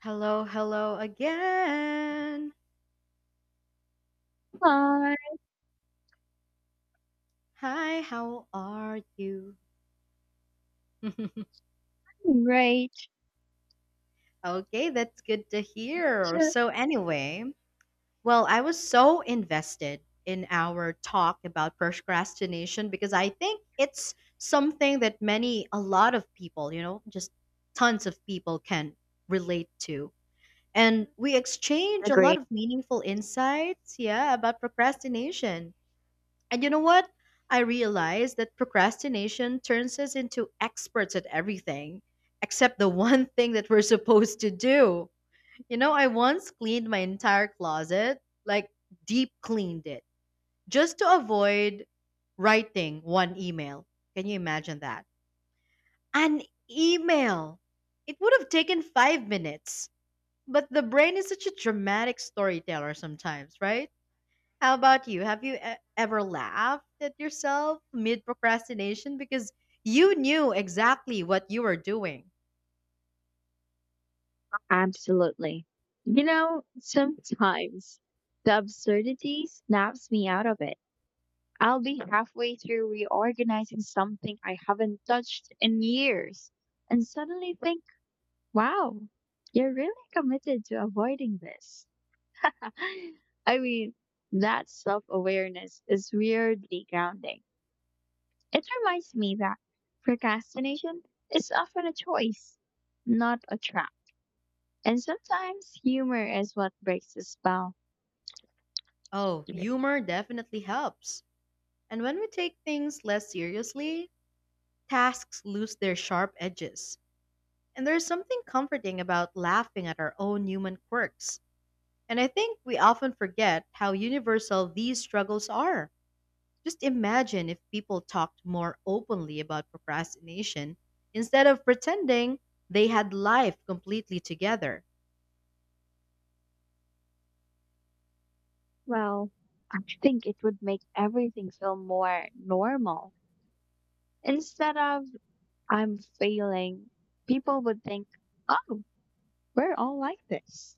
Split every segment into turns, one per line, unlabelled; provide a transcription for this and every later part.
Hello, hello again.
Fine,
Hi, how are you?
right.
Okay, that's good to hear. So, anyway, well, I was so invested in our talk about procrastination because I think it's something that many, a lot of people, just tons of people can relate to. And we exchange a
Agree,
lot of meaningful insights, yeah, about procrastination. And you know what? I realized that procrastination turns us into experts at everything, except the one thing that we're supposed to do. You know, I once cleaned my entire closet, like deep cleaned it, just to avoid writing one email. Can you imagine that? An email! It would have taken 5 minutes. But the brain is such a dramatic storyteller sometimes, right? How about you? Have you ever laughed at yourself mid procrastination because you knew exactly what you were doing?
absolutely. You know, sometimes the absurdity snaps me out of it. I'll be halfway through reorganizing something I haven't touched in years and suddenly think, wow, you're really committed to avoiding this. I mean, that self awareness is weirdly grounding. It reminds me that procrastination is often a choice, not a trap. And sometimes humor is what breaks the spell.
Oh, humor definitely helps. And when we take things less seriously, tasks lose their sharp edges. And there's something comforting about laughing at our own human quirks. And I think we often forget how universal these struggles are. Just imagine if people talked more openly about procrastination instead of pretending they had life completely together.
Well, I think it would make everything feel more normal. Instead of I'm failing, people would think, oh, we're all like this.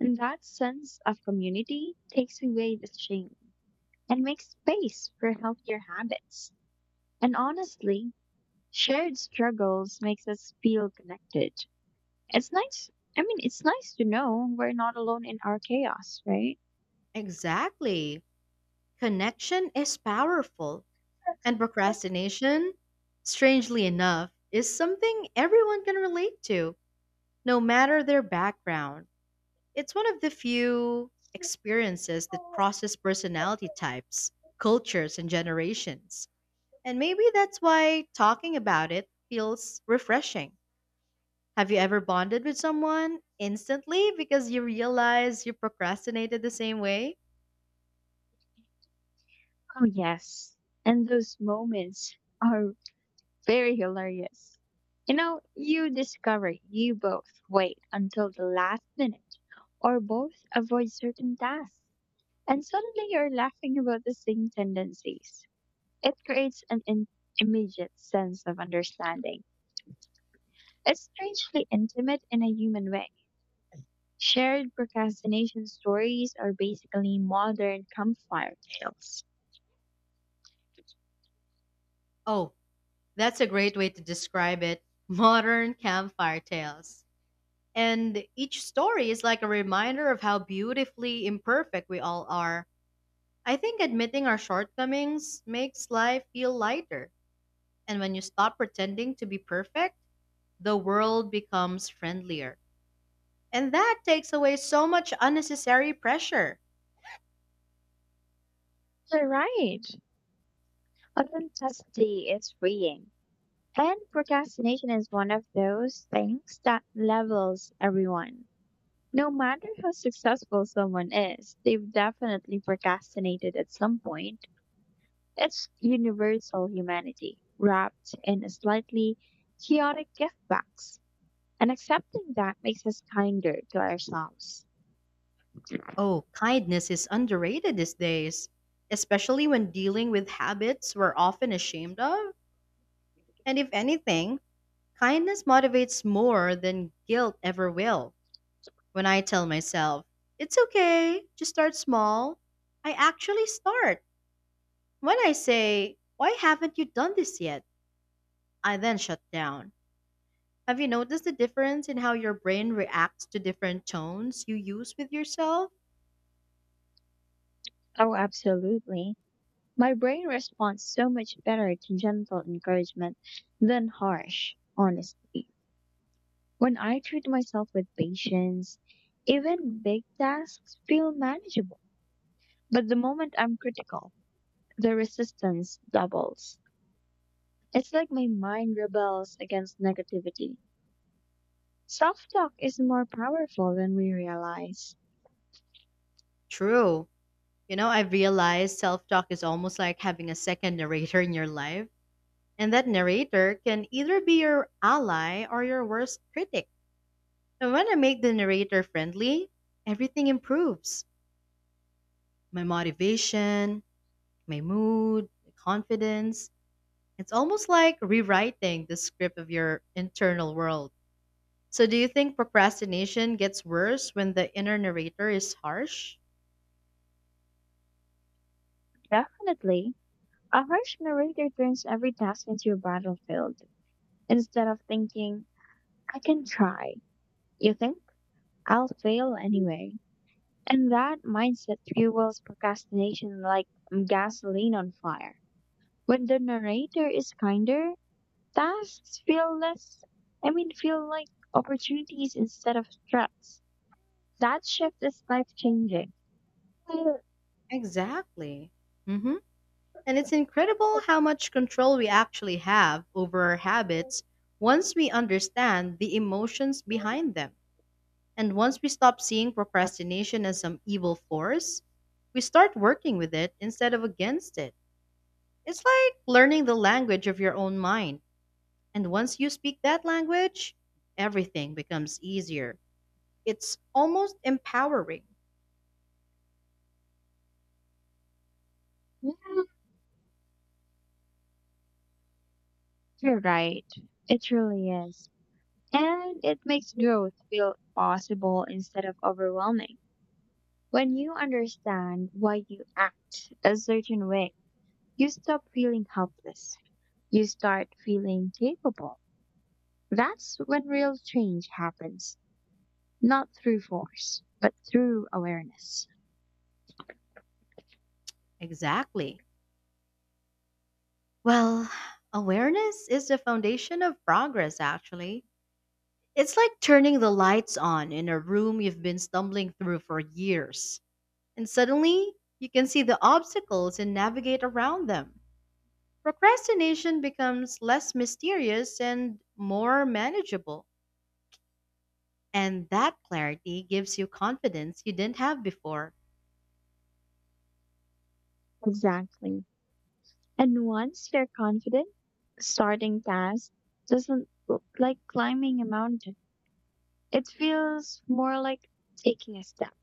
And that sense of community takes away the shame and makes space for healthier habits. And honestly, shared struggles makes us feel connected. It's nice. I mean, it's nice to know we're not alone in our chaos, right?
Exactly. Connection is powerful, and procrastination, strangely enough, is something everyone can relate to, no matter their background. It's one of the few experiences that
Oh,
crosses personality types, cultures, and generations. And maybe that's why talking about it feels refreshing. Have you ever bonded with someone instantly because you realize you procrastinated the same way?
oh yes. And those moments are very hilarious. You know, you discover you both wait until the last minute or both avoid certain tasks. And suddenly you're laughing about the same tendencies. It creates an immediate sense of understanding. It's strangely intimate in a human way. Shared procrastination stories are basically modern campfire tales.
Oh, that's a great way to describe it. Modern campfire tales. And each story is like a reminder of how beautifully imperfect we all are. I think admitting our shortcomings makes life feel lighter. And when you stop pretending to be perfect, the world becomes friendlier. And that takes away so much unnecessary pressure.
You're right. Authenticity is freeing. And procrastination is one of those things that levels everyone. No matter how successful someone is, they've definitely procrastinated at some point. It's universal humanity, wrapped in a slightly chaotic gift box. And accepting that makes us kinder to ourselves.
Oh, kindness is underrated these days, especially when dealing with habits we're often ashamed of. And if anything, kindness motivates more than guilt ever will. When I tell myself, it's okay, just start small, I actually start. When I say, why haven't you done this yet? I then shut down. Have you noticed the difference in how your brain reacts to different tones you use with yourself?
Oh, absolutely. My brain responds so much better to gentle encouragement than harsh honesty. When I treat myself with patience, even big tasks feel manageable. But the moment I'm critical, the resistance doubles. It's like my mind rebels against negativity. Self talk is more powerful than we realize.
True. You know, I've realized self talk is almost like having a second narrator in your life, and that narrator can either be your ally or your worst critic. And when I make the narrator friendly, everything improves my motivation, my mood, my confidence. It's almost like rewriting the script of your internal world. So, do you think procrastination gets worse when the inner narrator is harsh?
Definitely, a harsh narrator turns every task into a battlefield. Instead of thinking, I can try, you think, I'll fail anyway. And that mindset fuels procrastination like gasoline on fire. When the narrator is kinder, tasks feel less, I mean, feel like opportunities instead of threats. That shift is life changing.
Exactly. Mm hmm. And it's incredible how much control we actually have over our habits once we understand the emotions behind them. And once we stop seeing procrastination as some evil force, we start working with it instead of against it. It's like learning the language of your own mind. And once you speak that language, everything becomes easier. It's almost empowering.
You're right. It really is. And it makes growth feel possible instead of overwhelming. When you understand why you act a certain way, you stop feeling helpless. You start feeling capable. That's when real change happens. Not through force, but through awareness.
Exactly. Well, awareness is the foundation of progress, actually. It's like turning the lights on in a room you've been stumbling through for years, and suddenly you can see the obstacles and navigate around them. Procrastination becomes less mysterious and more manageable, and that clarity gives you confidence you didn't have before.
Exactly. And once you're confident, starting tasks doesn't look like climbing a mountain. It feels more like taking a step.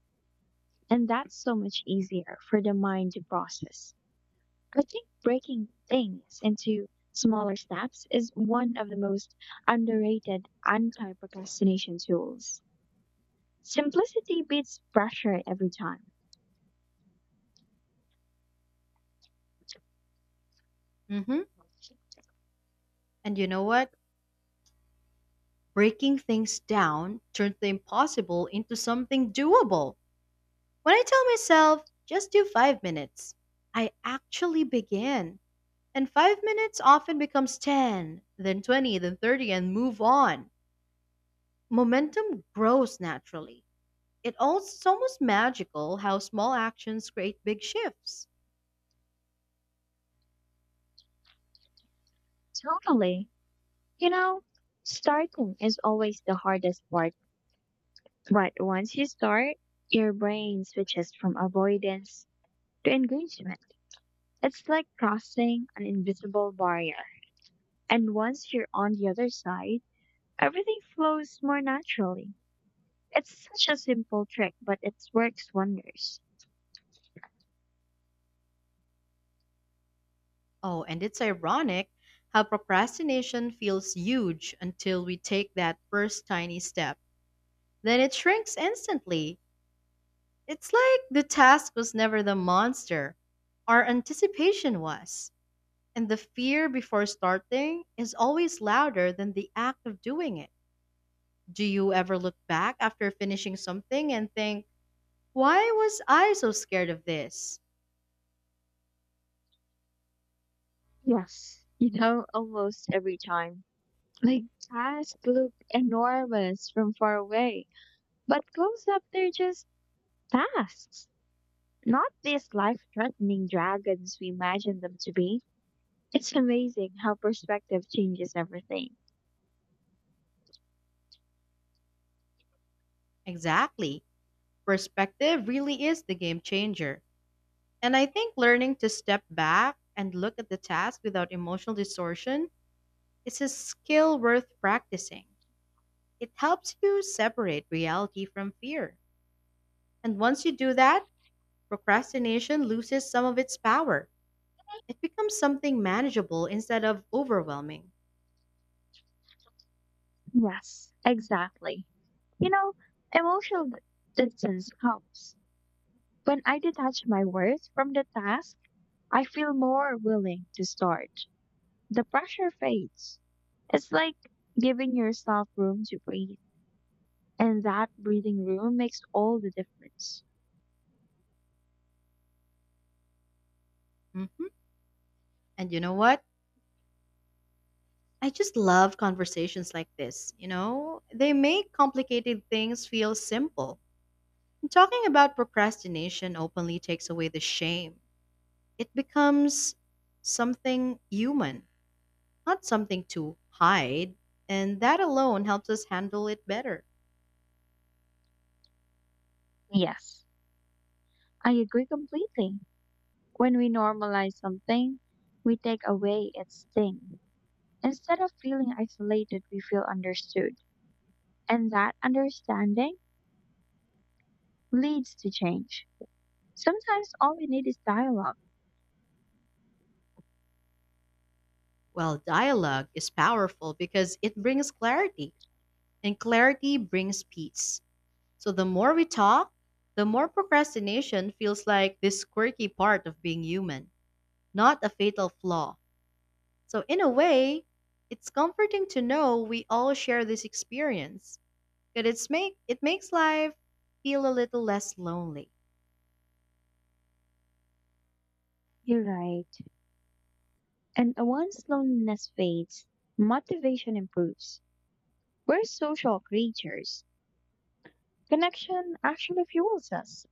And that's so much easier for the mind to process. I think breaking things into smaller steps is one of the most underrated anti procrastination tools. Simplicity beats pressure every time.
hmm And you know what? Breaking things down turns the impossible into something doable. When I tell myself, just do 5 minutes, I actually begin. And 5 minutes often becomes 10, then 20, then 30, and move on. Momentum grows naturally. It's almost magical how small actions create big shifts.
Totally. You know, starting is always the hardest part, but once you start, your brain switches from avoidance to engagement. It's like crossing an invisible barrier. And once you're on the other side, everything flows more naturally. It's such a simple trick, but it works wonders.
Oh, and it's ironic how procrastination feels huge until we take that first tiny step. Then it shrinks instantly. It's like the task was never the monster, our anticipation was. And the fear before starting is always louder than the act of doing it. Do you ever look back after finishing something and think, why was I so scared of this?
Yes, you know, almost every time. Like, tasks look enormous from far away, but close up, they're just tasks. Not these life threatening dragons we imagine them to be. It's amazing how perspective changes everything.
Exactly. Perspective really is the game changer. And I think learning to step back and look at the task without emotional distortion is a skill worth practicing. It helps you separate reality from fear. And once you do that, procrastination loses some of its power. It becomes something manageable instead of overwhelming.
Yes, exactly. You know, emotional distance helps. When I detach my worth from the task, I feel more willing to start. The pressure fades. It's like giving yourself room to breathe, and that breathing room makes all the difference.
hmm And you know what? I just love conversations like this. You know, they make complicated things feel simple. And talking about procrastination openly takes away the shame. It becomes something human, not something to hide, and that alone helps us handle it better.
Yes, I agree completely. When we normalize something, we take away its sting. Instead of feeling isolated, we feel understood. And that understanding leads to change. Sometimes all we need is dialogue.
Well, dialogue is powerful because it brings clarity, and clarity brings peace. So the more we talk, the more procrastination feels like this quirky part of being human, not a fatal flaw. So, in a way, it's comforting to know we all share this experience. But it makes life feel a little less lonely.
You're right. And once loneliness fades, motivation improves. We're social creatures. Connection actually fuels us.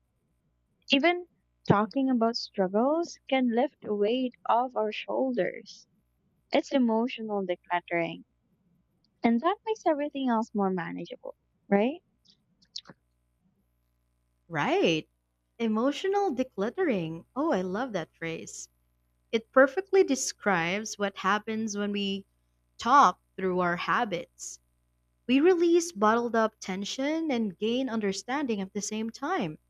Even talking about struggles can lift a weight off our shoulders. It's emotional decluttering. And that makes everything else more manageable, right?
Right. Emotional decluttering. Oh, I love that phrase. It perfectly describes what happens when we talk through our habits. We release bottled up tension and gain understanding at the same time.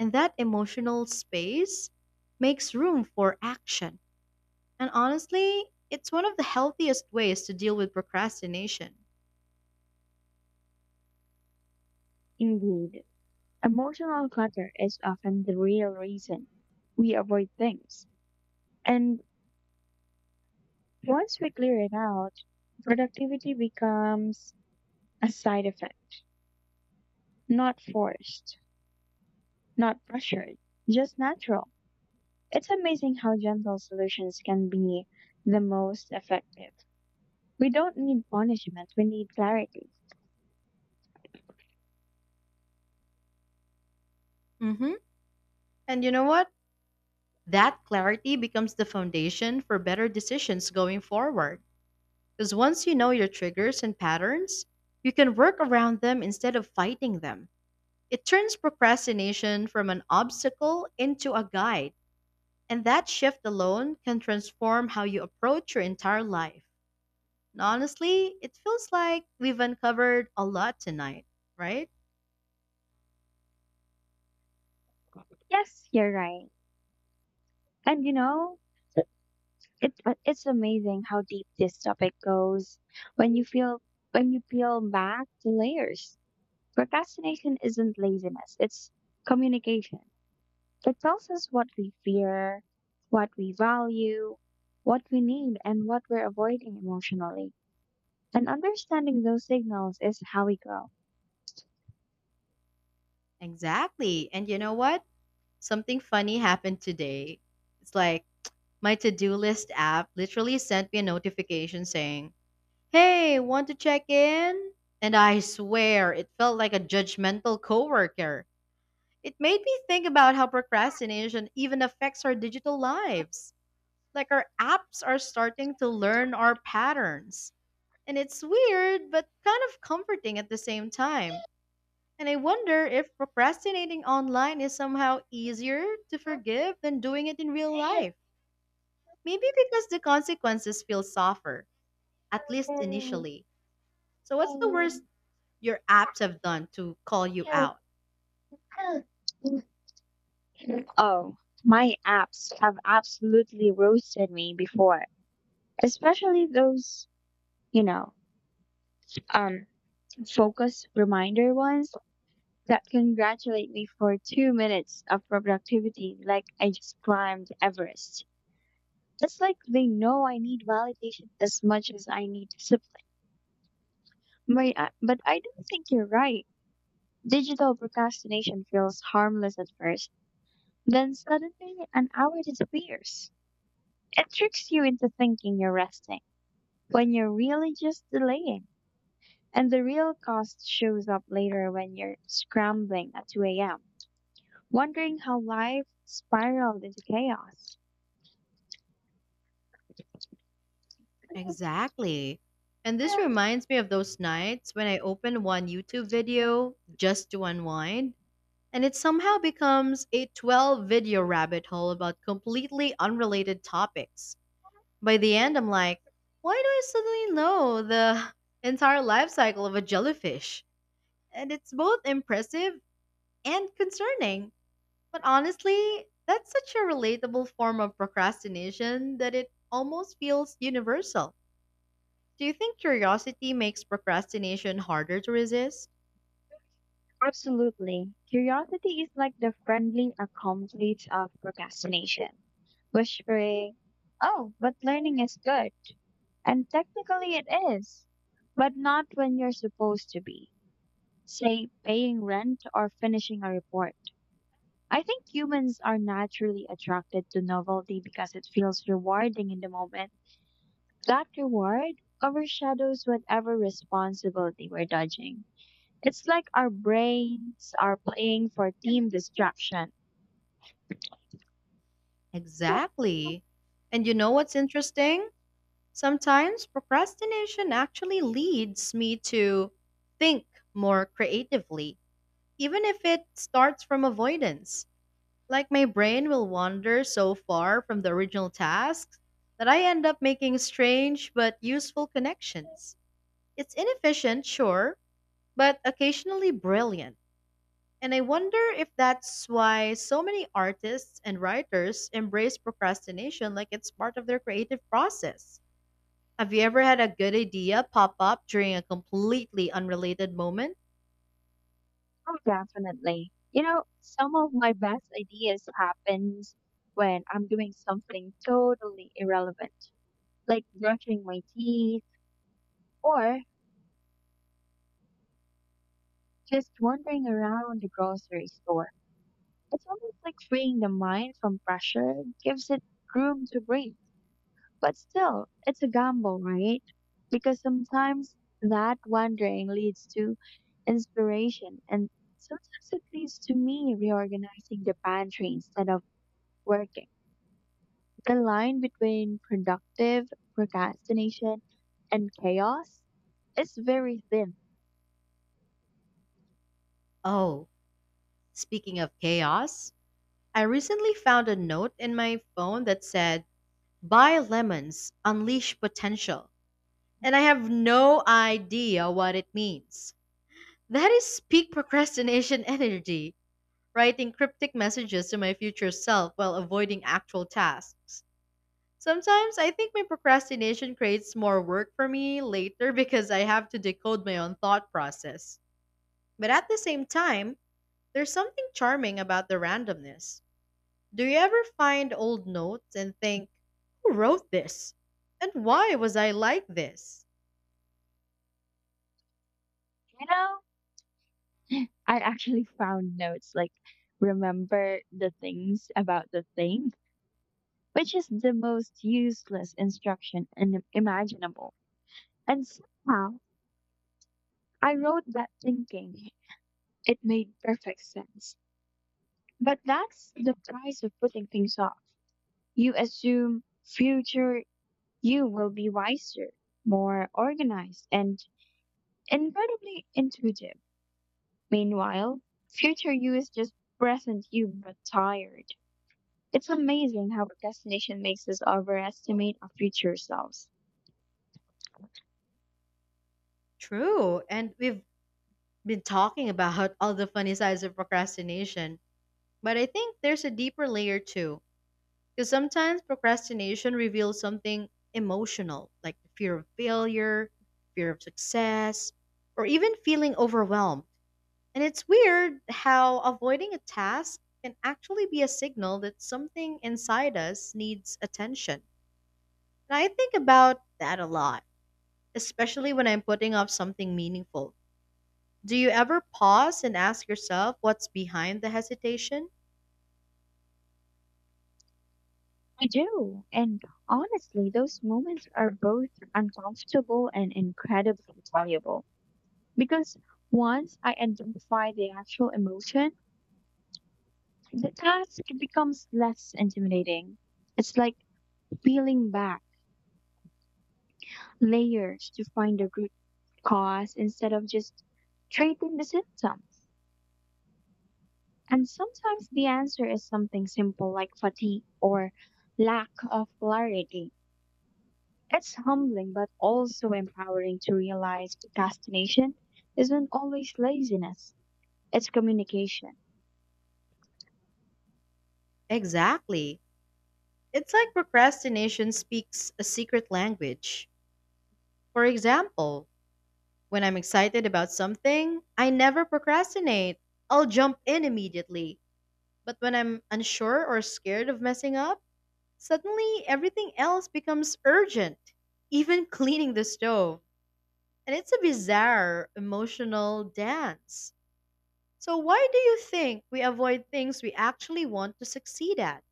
And that emotional space makes room for action. And honestly, it's one of the healthiest ways to deal with procrastination.
Indeed, emotional clutter is often the real reason we avoid things. And once we clear it out, productivity becomes a side effect, not forced, not pressured, just natural. It's amazing how gentle solutions can be the most effective. We don't need punishment, we need clarity.
Mm-hmm. And you know what? That clarity becomes the foundation for better decisions going forward. Because once you know your triggers and patterns, you can work around them instead of fighting them. It turns procrastination from an obstacle into a guide. And that shift alone can transform how you approach your entire life. And honestly, it feels like we've uncovered a lot tonight, right?
Yes, you're right. And you know, it's amazing how deep this topic goes when you feel when you peel back the layers. Procrastination isn't laziness, it's communication. It tells us what we fear, what we value, what we need, and what we're avoiding emotionally. And understanding those signals is how we grow.
Exactly. And you know what? Something funny happened today. It's like my to do list app literally sent me a notification saying, hey, want to check in? And I swear, it felt like a judgmental coworker. It made me think about how procrastination even affects our digital lives. Like our apps are starting to learn our patterns. And it's weird, but kind of comforting at the same time. And I wonder if procrastinating online is somehow easier to forgive than doing it in real life. Maybe because the consequences feel softer, at least initially. So, what's the worst your apps have done to call you out?
Oh, my apps have absolutely roasted me before, especially those, you know, um, focus reminder ones that congratulate me for 2 minutes of productivity like I just climbed Everest. It's like they know I need validation as much as I need discipline. But I don't think you're right. Digital procrastination feels harmless at first, then suddenly an hour disappears. It tricks you into thinking you're resting when you're really just delaying. And the real cost shows up later when you're scrambling at 2 a.m. wondering how life spiraled into chaos.
Exactly. And this reminds me of those nights when I open one YouTube video just to unwind, and it somehow becomes a 12 video rabbit hole about completely unrelated topics. By the end, I'm like, why do I suddenly know the entire life cycle of a jellyfish? And it's both impressive and concerning. But honestly, that's such a relatable form of procrastination that it almost feels universal. Do you think curiosity makes procrastination harder to resist?
Absolutely. Curiosity is like the friendly accomplice of procrastination, whispering, oh, but learning is good. And technically it is, but not when you're supposed to be, say, paying rent or finishing a report. I think humans are naturally attracted to novelty because it feels rewarding in the moment. That reward overshadows whatever responsibility we're dodging. It's like our brains are playing for team distraction.
Exactly. And you know what's interesting? Sometimes procrastination actually leads me to think more creatively, even if it starts from avoidance. Like my brain will wander so far from the original task that I end up making strange but useful connections. It's inefficient, sure, but occasionally brilliant. And I wonder if that's why so many artists and writers embrace procrastination like it's part of their creative process. Have you ever had a good idea pop up during a completely unrelated moment?
Oh, definitely. You know, some of my best ideas happens when I'm doing something totally irrelevant, like brushing my teeth or just wandering around the grocery store. It's almost like freeing the mind from pressure, gives it room to breathe. But still, it's a gamble, right? Because sometimes that wandering leads to inspiration, and sometimes it leads to me reorganizing the pantry instead of working. The line between productive procrastination and chaos is very thin.
Oh, speaking of chaos, I recently found a note in my phone that said, buy lemons, unleash potential. And I have no idea what it means. That is peak procrastination energy, writing cryptic messages to my future self while avoiding actual tasks. Sometimes I think my procrastination creates more work for me later because I have to decode my own thought process. But at the same time, there's something charming about the randomness. Do you ever find old notes and think, who wrote this? And why was I like this?
You know, I actually found notes like remember the things about the thing, which is the most useless instruction and imaginable. And somehow, I wrote that thinking it made perfect sense. But that's the price of putting things off. You assume future you will be wiser, more organized, and incredibly intuitive. Meanwhile, future you is just present you but tired. It's amazing how procrastination makes us overestimate our future selves.
True, and we've been talking about all the funny sides of procrastination. But I think there's a deeper layer too, because sometimes procrastination reveals something emotional, like the fear of failure, fear of success, or even feeling overwhelmed. And it's weird how avoiding a task can actually be a signal that something inside us needs attention. And I think about that a lot, especially when I'm putting off something meaningful. Do you ever pause and ask yourself what's behind the hesitation?
I do. And honestly, those moments are both uncomfortable and incredibly valuable. Because once I identify the actual emotion, the task becomes less intimidating. It's like peeling back layers to find the root cause instead of just treating the symptom. And sometimes the answer is something simple like fatigue or lack of clarity. It's humbling but also empowering to realize procrastination isn't always laziness, it's communication.
Exactly. It's like procrastination speaks a secret language. For example, when I'm excited about something, I never procrastinate. I'll jump in immediately. But when I'm unsure or scared of messing up, suddenly everything else becomes urgent, even cleaning the stove. And it's a bizarre emotional dance. So, why do you think we avoid things we actually want to succeed at?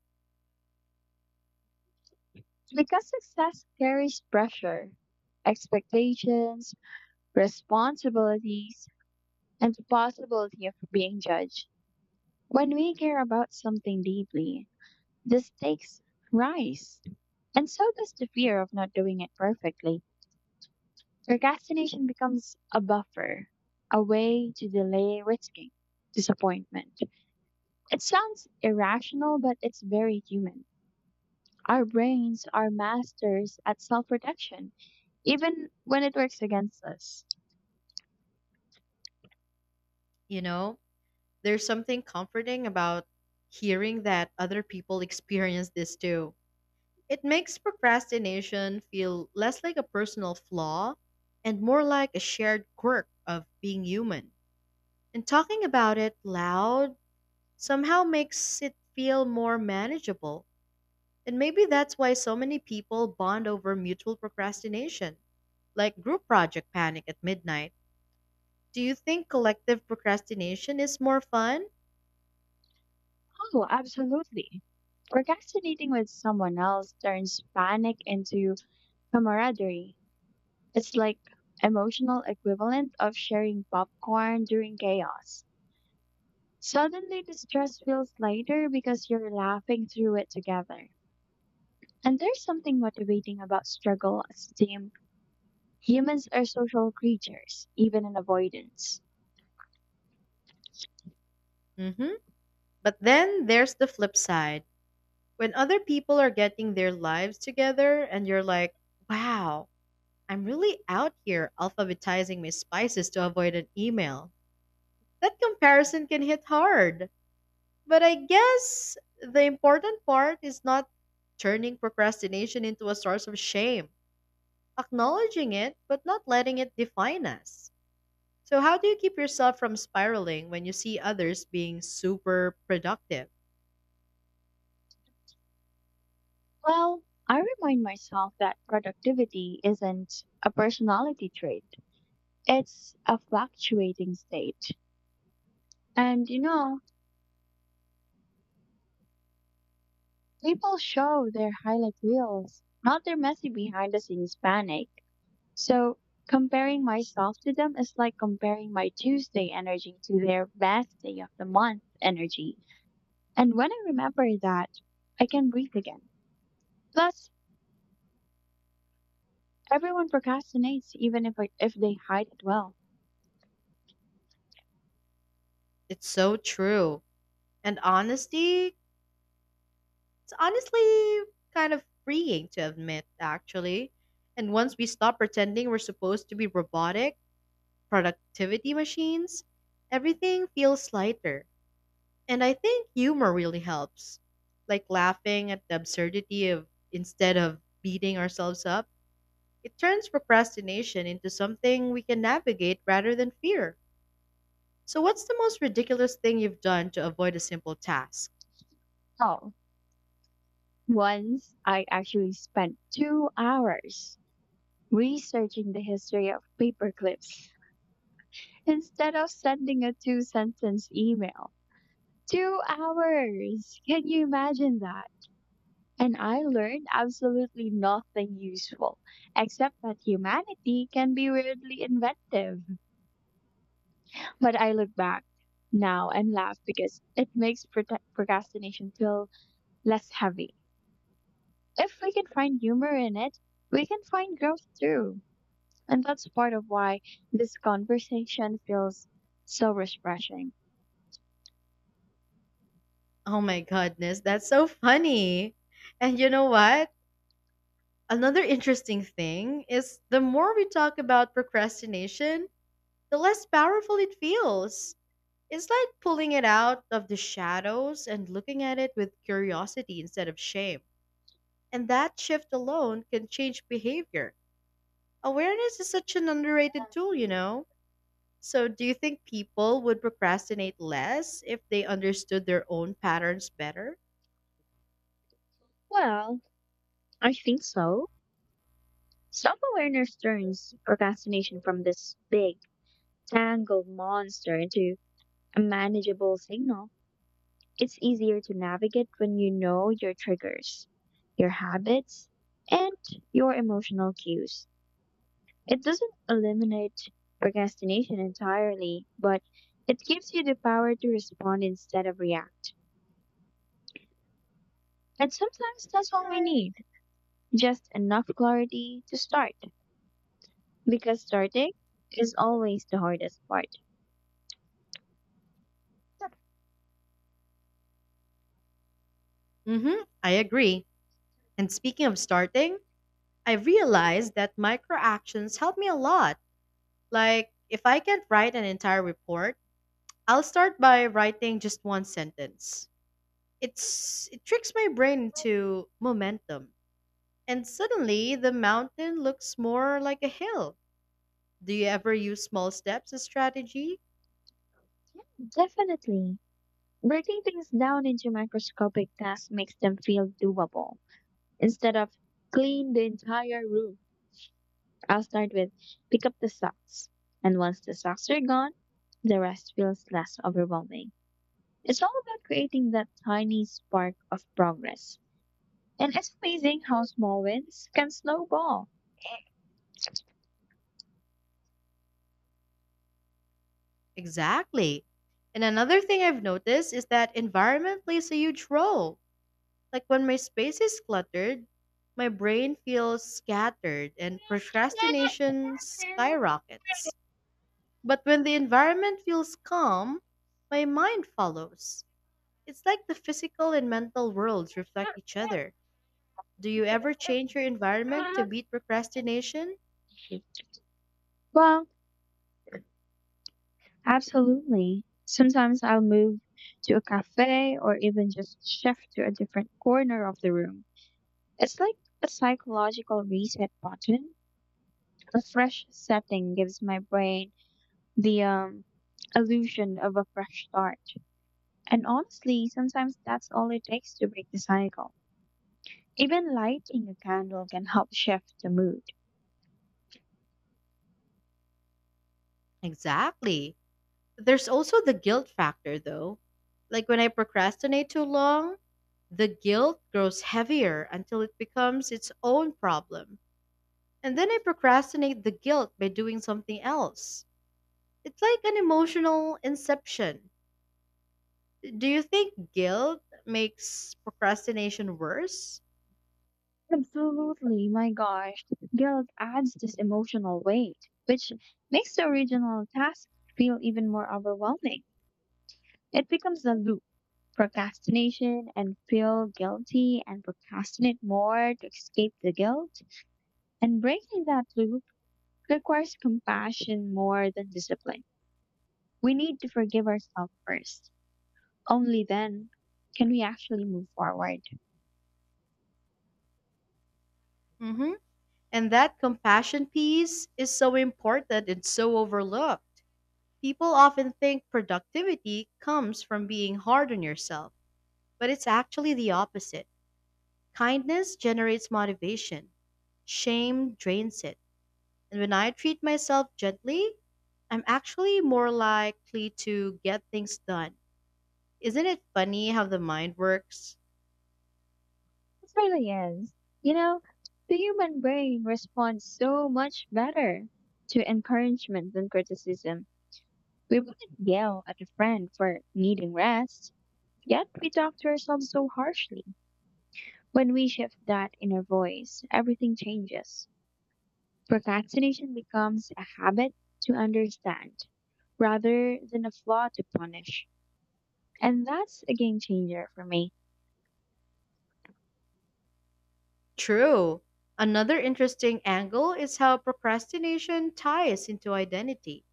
Because success carries pressure, expectations, responsibilities, and the possibility of being judged. When we care about something deeply, the stakes rise, and so does the fear of not doing it perfectly. Procrastination becomes a buffer, a way to delay risking disappointment. It sounds irrational, but it's very human. Our brains are masters at self protection even when it works against us.
You know? There's something comforting about hearing that other people experience this too. It makes procrastination feel less like a personal flaw and more like a shared quirk of being human. And talking about it loud somehow makes it feel more manageable. And maybe that's why so many people bond over mutual procrastination, like group project panic at midnight. Do you think collective procrastination is more fun?
Oh, absolutely. Procrastinating with someone else turns panic into camaraderie. It's like emotional equivalent of sharing popcorn during chaos. Suddenly the stress feels lighter because you're laughing through it together. And there's something motivating about struggle as a team. Humans are social creatures, even in avoidance.
Mm hmm. But then there's the flip side. When other people are getting their lives together and you're like, wow, I'm really out here alphabetizing my spices to avoid an email. That comparison can hit hard. But I guess the important part is not turning procrastination into a source of shame, acknowledging it, but not letting it define us. So, how do you keep yourself from spiraling when you see others being super productive?
Well, I remind myself that productivity isn't a personality trait, it's a fluctuating state. And you know, people show their highlight reels, not their messy behind the scenes panic. So comparing myself to them is like comparing my Tuesday energy to their best day of the month energy. And when I remember that, I can breathe again. Plus, everyone procrastinates even if they hide it well.
It's so true. And honesty, it's honestly kind of freeing to admit, actually. And once we stop pretending we're supposed to be robotic, productivity machines, everything feels lighter. And I think humor really helps. Like laughing at the absurdity of instead of beating ourselves up, it turns procrastination into something we can navigate rather than fear. So, what's the most ridiculous thing you've done to avoid a simple task?
Oh. Once I actually spent 2 hours researching the history of paperclips instead of sending a two sentence email. 2 hours! Can you imagine that? And I learned absolutely nothing useful, except that humanity can be weirdly inventive. But I look back now and laugh because it makes procrastination feel less heavy. If we can find humor in it, we can find growth too. And that's part of why this conversation feels so refreshing.
Oh my goodness, that's so funny. And you know what? Another interesting thing is, the more we talk about procrastination, the less powerful it feels. It's like pulling it out of the shadows and looking at it with curiosity instead of shame. And that shift alone can change behavior. Awareness is such an underrated tool, you know? So, do you think people would procrastinate less if they understood their own patterns better?
Well, I think so. Self awareness turns procrastination from this big, tangled monster into a manageable signal. It's easier to navigate when you know your triggers, your habits, and your emotional cues. It doesn't eliminate procrastination entirely, but it gives you the power to respond instead of react. And sometimes that's all we need. Just enough clarity to start, because starting is always the hardest part.
Mm hmm, I agree. And speaking of starting, I realized that microactions help me a lot. Like, if I can't write an entire report, I'll start by writing just one sentence. It tricks my brain into momentum, and suddenly the mountain looks more like a hill. Do you ever use small steps as strategy?
Definitely. Breaking things down into microscopic tasks makes them feel doable. Instead of clean the entire room, I'll start with pick up the socks. And once the socks are gone, the rest feels less overwhelming. It's all about creating that tiny spark of progress. And it's amazing how small wins can snowball.
Exactly. And another thing I've noticed is that environment plays a huge role. Like when my space is cluttered, my brain feels scattered and procrastination skyrockets. But when the environment feels calm, my mind follows. It's like the physical and mental worlds reflect each other. Do you ever change your environment to beat procrastination?
Well, absolutely. Sometimes I'll move to a cafe or even just shift to a different corner of the room. It's like a psychological reset button. A fresh setting gives my brain the illusion of a fresh start. And honestly, sometimes that's all it takes to break the cycle. Even lighting a candle can help shift the mood.
Exactly. There's also the guilt factor, though. Like when I procrastinate too long, the guilt grows heavier until it becomes its own problem. And then I procrastinate the guilt by doing something else. It's like an emotional inception. Do you think guilt makes procrastination worse?
Absolutely, my gosh. Guilt adds this emotional weight, which makes the original task feel even more overwhelming. It becomes a loop. Procrastination and feel guilty and procrastinate more to escape the guilt. And breaking that loop requires compassion more than discipline. We need to forgive ourselves first. Only then can we actually move forward.
Hmm. And that compassion piece is so important and so overlooked. People often think productivity comes from being hard on yourself, but it's actually the opposite. Kindness generates motivation, shame drains it. And when I treat myself gently, I'm actually more likely to get things done. Isn't it funny how the mind works?
It really is. You know, the human brain responds so much better to encouragement than criticism. We wouldn't yell at a friend for needing rest, yet we talk to ourselves so harshly. When we shift that inner voice, everything changes. Procrastination becomes a habit to understand rather than a flaw to punish. And that's a game changer for me.
True. Another interesting angle is how procrastination ties into identity.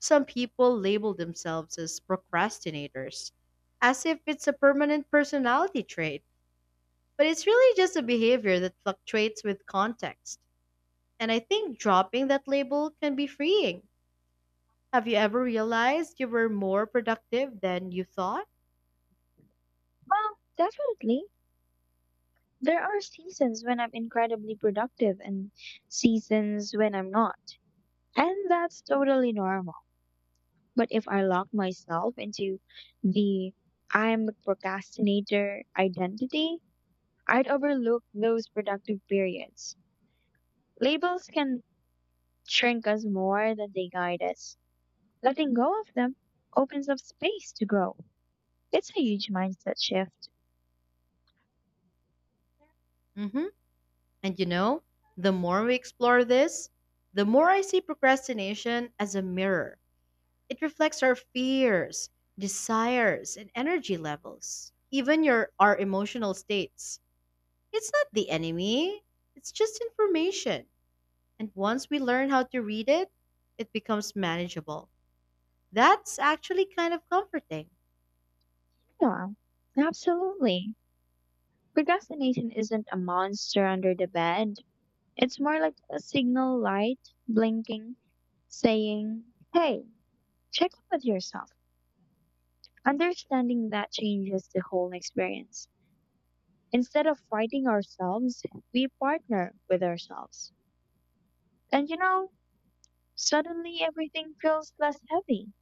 Some people label themselves as procrastinators, as if it's a permanent personality trait, but it's really just a behavior that fluctuates with context. And I think dropping that label can be freeing. Have you ever realized you were more productive than you thought?
Well, definitely. There are seasons when I'm incredibly productive and seasons when I'm not. And that's totally normal. But if I lock myself into the I'm a procrastinator identity, I'd overlook those productive periods. Labels can shrink us more than they guide us. Letting go of them opens up space to grow. It's a huge mindset shift.
Mm hmm. And you know, the more we explore this, the more I see procrastination as a mirror. It reflects our fears, desires, and energy levels, even your our emotional states. It's not the enemy, it's just information. And once we learn how to read it, it becomes manageable. That's actually kind of comforting.
Yeah, absolutely. Procrastination isn't a monster under the bed. It's more like a signal light blinking, saying, hey, check in with yourself. Understanding that changes the whole experience. Instead of fighting ourselves, we partner with ourselves. And you know, suddenly everything feels less heavy.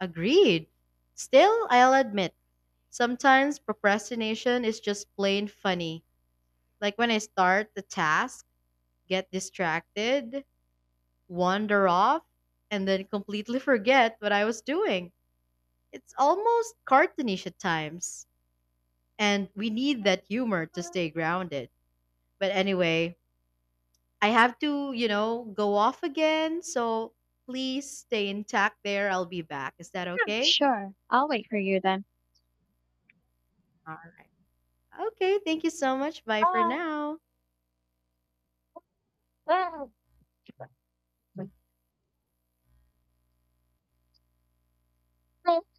Agreed. Still, I'll admit, sometimes procrastination is just plain funny. Like when I start the task, get distracted, wander off, and then completely forget what I was doing. It's almost cartoonish at times, and we need that humor to
Mm,
stay grounded. But anyway, I have to, go off again, so please stay intact there. I'll be back. Is that okay?
sure, I'll wait for you then.
All right. Okay, thank you so much. Bye for
Bye.
now.
Bye.